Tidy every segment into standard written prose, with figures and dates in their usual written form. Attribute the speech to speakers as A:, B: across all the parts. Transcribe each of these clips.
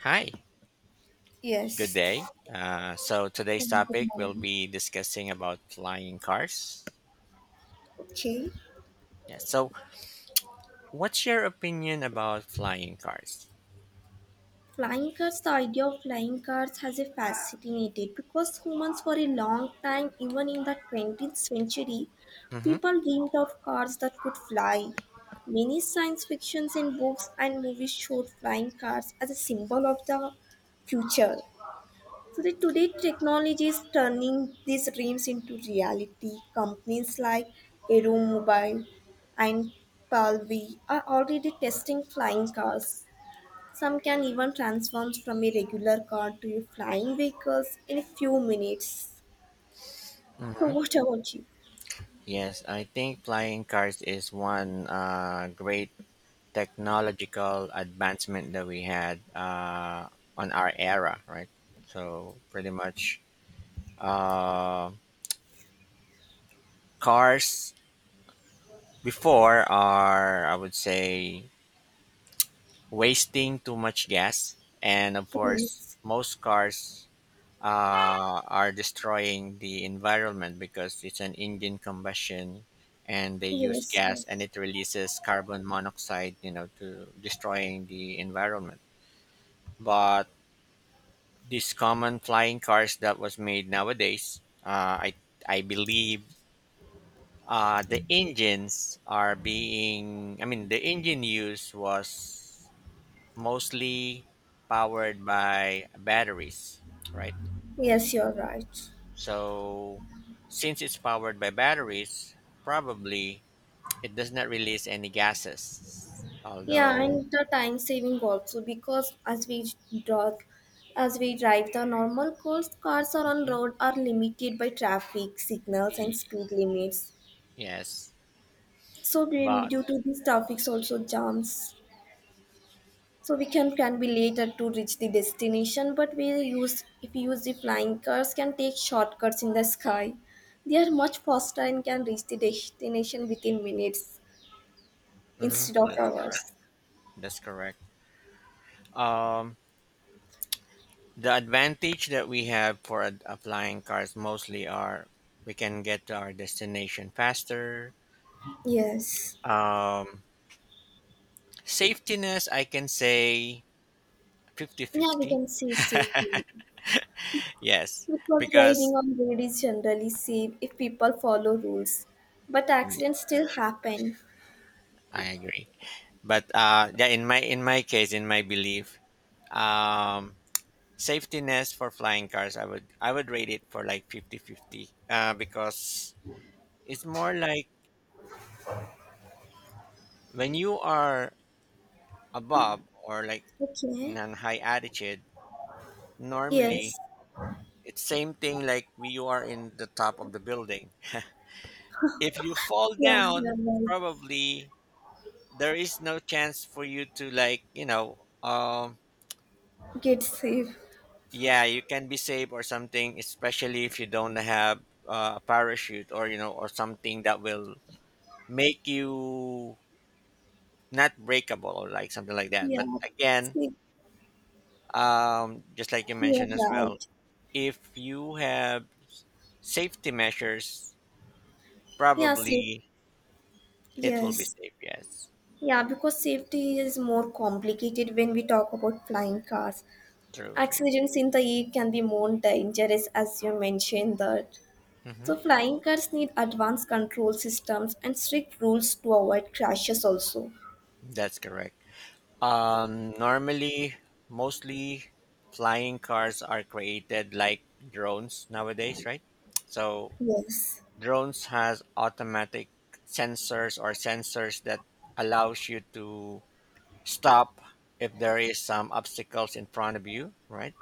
A: Hi, good
B: Yes.
A: day. So today's
B: Good
A: topic we'll
B: morning.
A: be discussing about flying cars.
B: Okay.
A: Yeah. So, what's your opinion about flying cars?
B: Flying cars, the idea of flying cars has a fascinated because humans for a long time, even in the 20th century,
A: Mm-hmm.
B: people dreamed of cars that could fly. Many science fictions in books and movies showed flying cars as a symbol of the future. So the today technology is turning these dreams into reality. Companies like Aero Mobile and Palvi are already testing flying cars. Some can even transform from a regular car to a flying vehicles in a few minutes. So
A: Mm-hmm.
B: what about you?
A: Yes, I think flying cars is one great technological advancement that we had on our era, right? So pretty much, uh, cars before are, I would say, wasting too much gas, and of course,
B: Yes,
A: most cars are destroying the environment because it's an engine combustion, and they use
B: yes,
A: gas, and
B: yes.
A: it releases carbon monoxide, to destroying the environment. But these common flying cars that was made nowadays, I believe the engines are being. I mean, the engine use was mostly powered by batteries, right?
B: Yes, you're right.
A: So, since it's powered by batteries, probably it does not release any gases.
B: Yeah,
A: Although,
B: and the time saving also because drive, as we drive the normal course, cars are on
A: mhm.
B: road are limited by traffic signals and
A: y-
B: speed limits.
A: yes,
B: So due
A: but
B: due to these traffics also jams. So we can be later to reach the destination, but we use if we use the flying cars can take shortcuts in the sky. They are much faster and can reach the destination within minutes
A: mhm,
B: instead of
A: that's correct.
B: hours.
A: That's correct. Um, the advantage that we have for applying cars mostly are we can get to our destination faster.
B: Yes.
A: Um, Safetiness, I can say
B: Yeah, we
A: 50-50.
B: can see safety.
A: Yes,
B: Because
A: because
B: driving on road is generally safe if people follow rules, but
A: y-
B: accidents still happen.
A: I agree. But yeah, in my case, in my belief, um, safety nest for flying cars, I would rate it for like 50 50. 50 because it's more like when you are above or like in
B: Okay.
A: a high altitude.
B: Yes.
A: Normally, it's same thing like when you are in the top of the building. If you fall
B: Yeah, you're
A: down,
B: right.
A: probably there is no chance for you to like, you know. Um,
B: Get safe.
A: yeah, you can be safe or something, especially if you don't have a parachute or, you know, or something that will make you not breakable or like something like that.
B: Yeah.
A: But again,
B: Safe.
A: just like you
B: You're
A: mentioned as well,
B: right.
A: if you have safety measures,
B: Yeah, safe.
A: probably it will be
B: Yes.
A: safe. Yes,
B: Yeah, because safety is more complicated when we talk about flying cars.
A: true, true.
B: Accidents in the air can be more dangerous, as you mentioned that.
A: Hmm,
B: So, flying cars need advanced control systems and strict rules to avoid crashes also.
A: that's correct. Normally, mostly flying cars are created like drones nowadays, right? So
B: Yes,
A: drones has automatic sensors, or sensors that allows you to stop if there is some obstacles in front of you, right?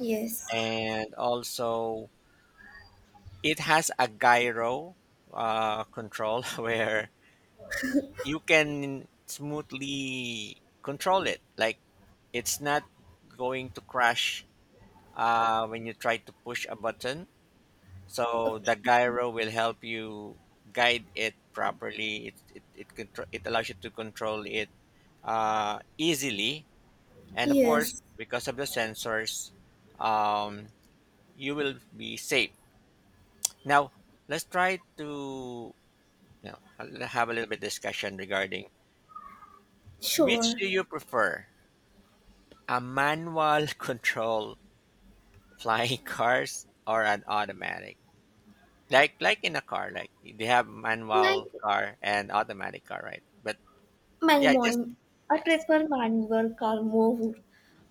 B: yes,
A: And also it has a gyro control where you can smoothly control it. Like, it's not going to crash when you try to push a button. So the
B: okay,
A: gyro will help you guide it properly. It allows you to control it easily, and of course,
B: yes,
A: because of the sensors, um, you will be safe. Now, let's try to, you know, have a little bit discussion regarding which do
B: sure.
A: you prefer: a manual control flying cars or an automatic? Like in a car, like they have manual
B: Like
A: car and automatic car, right? But
B: my
A: yeah, just
B: mom, I
A: yes,
B: prefer manual car more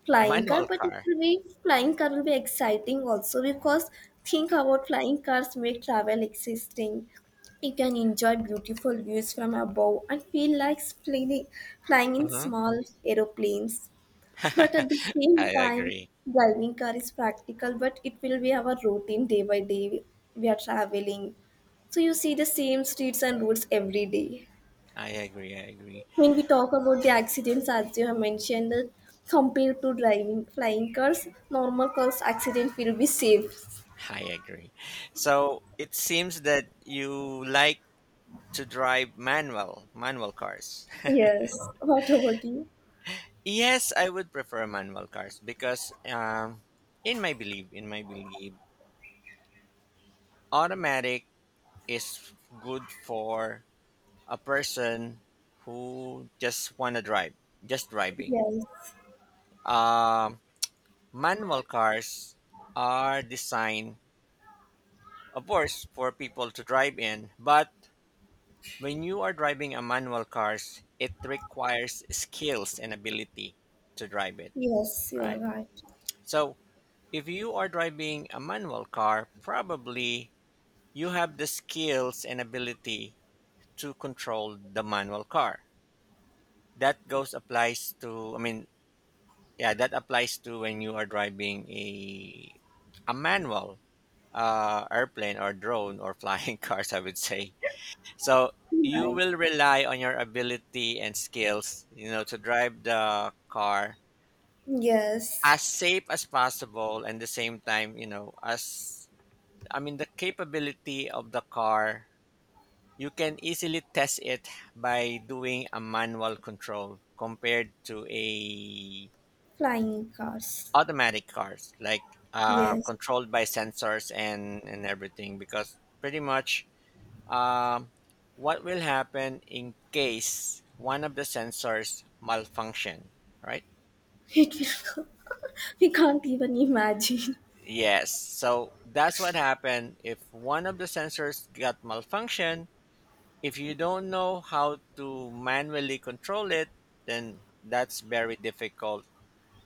B: flying car,
A: manual
B: but it
A: car.
B: will be flying car will be exciting also because think about flying cars make travel existing. You can enjoy beautiful views from above and feel like flying in
A: Hmm.
B: small aeroplanes. But at the same
A: I
B: time,
A: agree.
B: driving car is practical, but it will be our routine day by day. We are traveling. So you see the same streets and roads every day.
A: I agree. I agree.
B: When we talk about the accidents, as you have mentioned, that compared to driving flying cars, normal cars accident will be safe.
A: I agree. So it seems that you like to drive manual cars.
B: Yes. What about you?
A: Yes, I would prefer manual cars because in my belief, automatic is good for a person who just wanna drive, just driving.
B: Yes.
A: Um, Manual cars are designed, of course, for people to drive in. But when you are driving a manual cars, it requires skills and ability to drive it,
B: Yes, you are
A: right?
B: right.
A: So if you are driving a manual car, probably you have the skills and ability to control the manual car. That goes applies to, I mean, yeah, that applies to when you are driving a manual airplane or drone or flying cars, I would say. So you
B: Right.
A: will rely on your ability and skills, you know, to drive the car
B: Yes.
A: as safe as possible, and the same time, you know, as, I mean, the capability of the car, you can easily test it by doing a manual control, compared to a
B: Flying cars.
A: automatic cars like
B: Yes.
A: controlled by sensors and everything, because pretty much, Um, what will happen in case one of the sensors malfunction, right?
B: It will go. We can't even imagine.
A: Yes. So that's what happened if one of the sensors got malfunction. If you don't know how to manually control it, then that's very difficult,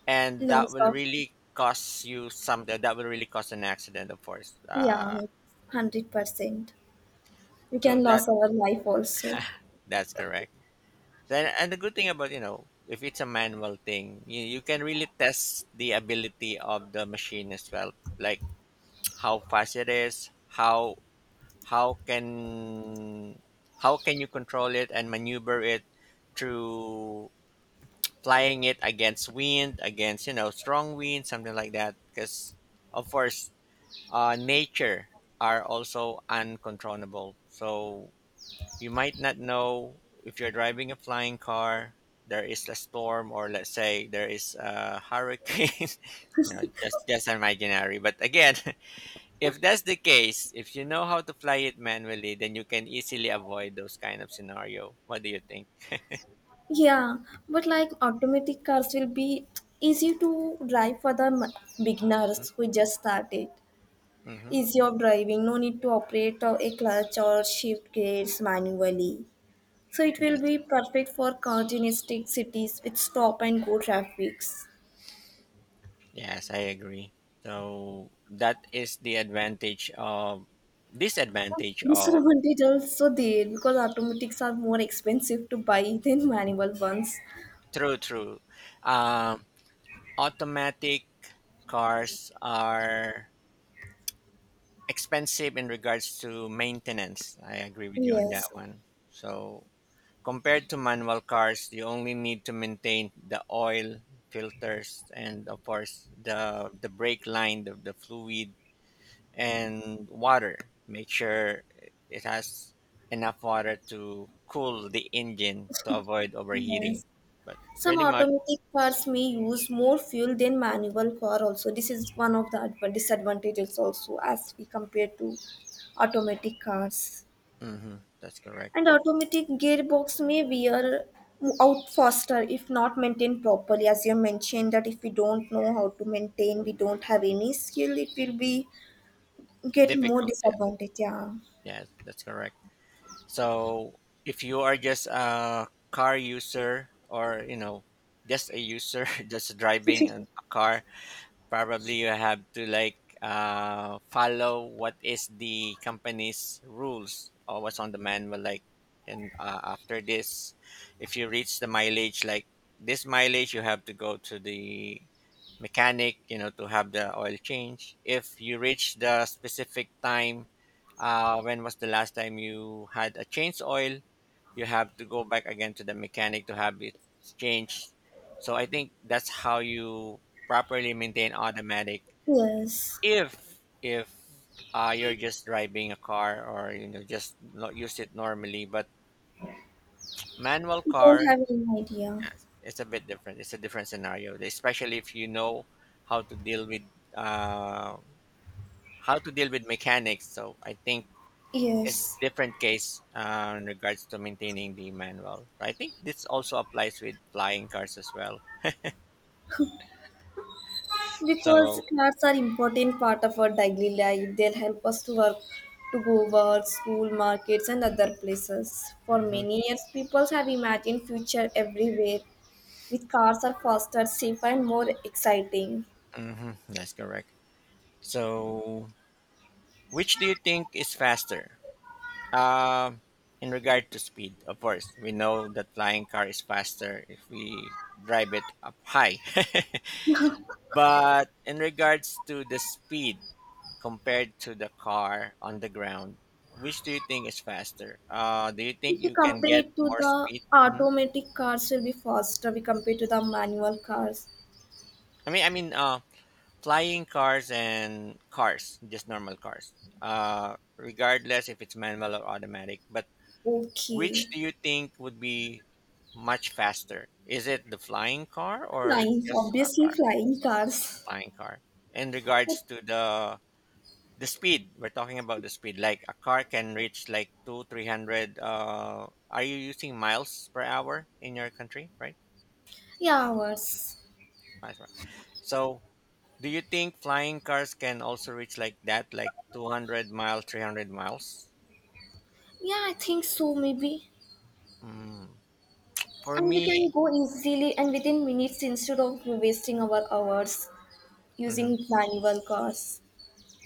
A: and that
B: Loss
A: will
B: of,
A: really cost you something. That will really cause an accident, of course.
B: yeah, 100%. We
A: So
B: can
A: that
B: lose our life also.
A: that's correct. Then, and the good thing about, you know, if it's a manual thing, you can really test the ability of the machine as well, like how fast it is, how can how can you control it and maneuver it through flying it against wind, against, you know, strong wind, something like that. Because of course, nature are also uncontrollable. So you might not know if you're driving a flying car there is a storm, or let's say there is a hurricane. You just imaginary. But again, if that's the case, if you know how to fly it manually, then you can easily avoid those kind of scenario. What do you think?
B: Yeah, but like automatic cars will be easy to drive for the beginners who just started.
A: Mm-hmm.
B: Easy of driving, no need to operate a clutch or shift gears manually. So it will
A: That's,
B: be perfect for congested cities with stop and go traffics.
A: yes, I agree. So that is the advantage of disadvantage of
B: Disadvantage also there because automatics are more expensive to buy than manual ones.
A: true, true. Um, Automatic cars are expensive in regards to maintenance. I agree with you on that
B: Yes,
A: one. So compared to manual cars, you only need to maintain the oil filters and of course the brake line, the fluid and water. Make sure it has enough water to cool the engine to avoid overheating.
B: yes.
A: But
B: Some
A: pretty much,
B: automatic cars may use more fuel than manual car also. This is one of the disadvantages also as we compare to automatic cars.
A: hmm, that's correct.
B: And automatic gearbox may wear out faster if not maintained properly. As you mentioned that if we don't know how to maintain, we don't have any skill, it will be get more
A: Difficult.
B: disadvantage. Yeah.
A: Yes, that's correct. So if you are just a car user, or you know, just a user, just driving a car, probably you have to like, follow what is the company's rules or what's on the manual. Like, and after this, if you reach the mileage, like this mileage, you have to go to the mechanic, you know, to have the oil change. If you reach the specific time, when was the last time you had a change oil, you have to go back again to the mechanic to have it changed. So I think that's how you properly maintain automatic.
B: Yes,
A: If if you're just driving a car, or you know, just not use it normally, but manual
B: I don't
A: car,
B: have any idea.
A: yes, it's a bit different. It's a different scenario, especially if you know how to deal with uh, how to deal with mechanics. So I think it's
B: Yes,
A: different case in regards to maintaining the manual. I think this also applies with flying cars as well.
B: because
A: So
B: cats are important part of our daily life. They'll help us to work, to go work, school, markets, and other places. For
A: hmm,
B: many years, people have imagined future everywhere with cars are faster, safer, and more exciting.
A: hmm, that's correct. So which do you think is faster? Uh, in regard to speed, of course, we know that flying car is faster if we drive it up high. But in regards to the speed, compared to the car on the ground, which do you think is faster? Do you think
B: If you
A: you can
B: compare
A: get
B: it to
A: more
B: the
A: speed? Hmm.
B: automatic cars, will be faster. We compare to the manual cars.
A: I mean, flying cars and cars, just normal cars, regardless if it's manual or automatic. But
B: Okay,
A: which do you think would be much faster? Is it the flying car or
B: flying,
A: just a
B: obviously
A: car,
B: flying cars.
A: flying car? In
B: I
A: regards to the speed, we're talking about the speed, like a car can reach like two three hundred. Are you using miles per hour in your country, right?
B: Yeah, hours.
A: Miles per hour. So do you think flying cars can also reach like that, like 200 miles 300 miles?
B: Yeah, I think so, maybe.
A: Mm. For
B: And we
A: me
B: can go easily and within minutes instead of wasting our hours
A: mhm,
B: using manual cars.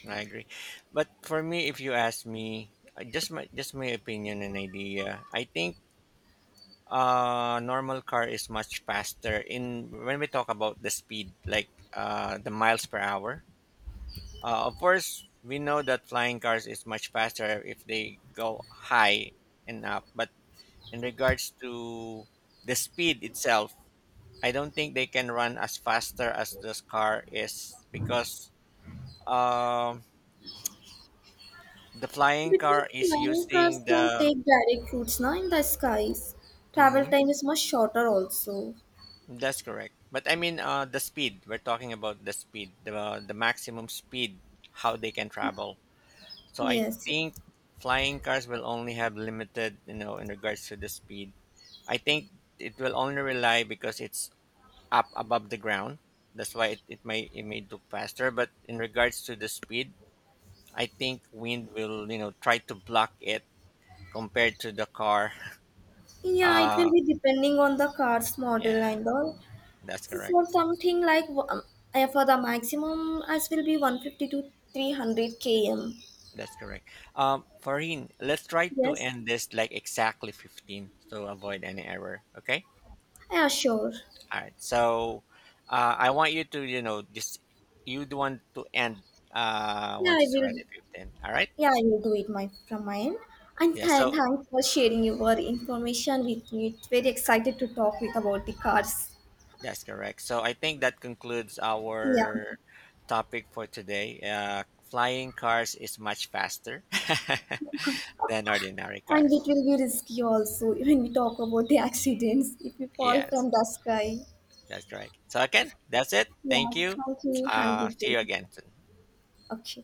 A: I agree. But for me, if you ask me, just my opinion and idea, I think normal car is much faster in when we talk about the speed, like the miles per hour. Of course, we know that flying cars is much faster if they go high and up. But in regards to the speed itself, I don't think they can run as faster as this car is because um the flying
B: Because
A: car is
B: flying cars
A: using
B: can
A: the.
B: take direct routes now in the skies. Travel
A: Mhm,
B: time is much shorter also.
A: that's correct. But I mean, the speed. We're talking about the speed, the maximum speed, how they can travel. So I
B: Yes.
A: think flying cars will only have limited, you know, in regards to the speed. I think it will only rely because it's up above the ground. That's why it may look faster. But in regards to the speed, I think wind will, you know, try to block it compared to the car.
B: Yeah, it will
A: Uh,
B: be depending on the car's
A: yeah,
B: model and all.
A: that's correct.
B: For something like for the maximum, as will be 150 to 300 km.
A: That's correct. Farin, let's try to
B: Yes.
A: end this like exactly 15 to avoid any error. Okay.
B: Yeah, sure.
A: All right. So I want you to, you know, just you want to end
B: Yeah,
A: once
B: I
A: it's already
B: will.
A: 15. All right.
B: Yeah, I will do it my from my end. And
A: Yeah. So
B: thanks for sharing your information with me. It's very excited to talk with about the cars.
A: that's correct. So I think that concludes
B: Yeah,
A: our topic for today. Flying cars is much faster than ordinary
B: and
A: car.
B: it will be risky also when we talk about the accidents if we fall
A: Yes,
B: from the sky.
A: that's correct. So again, that's it.
B: Yeah,
A: Thank you.
B: thank you. Have a good
A: See
B: day.
A: you again soon.
B: Okay.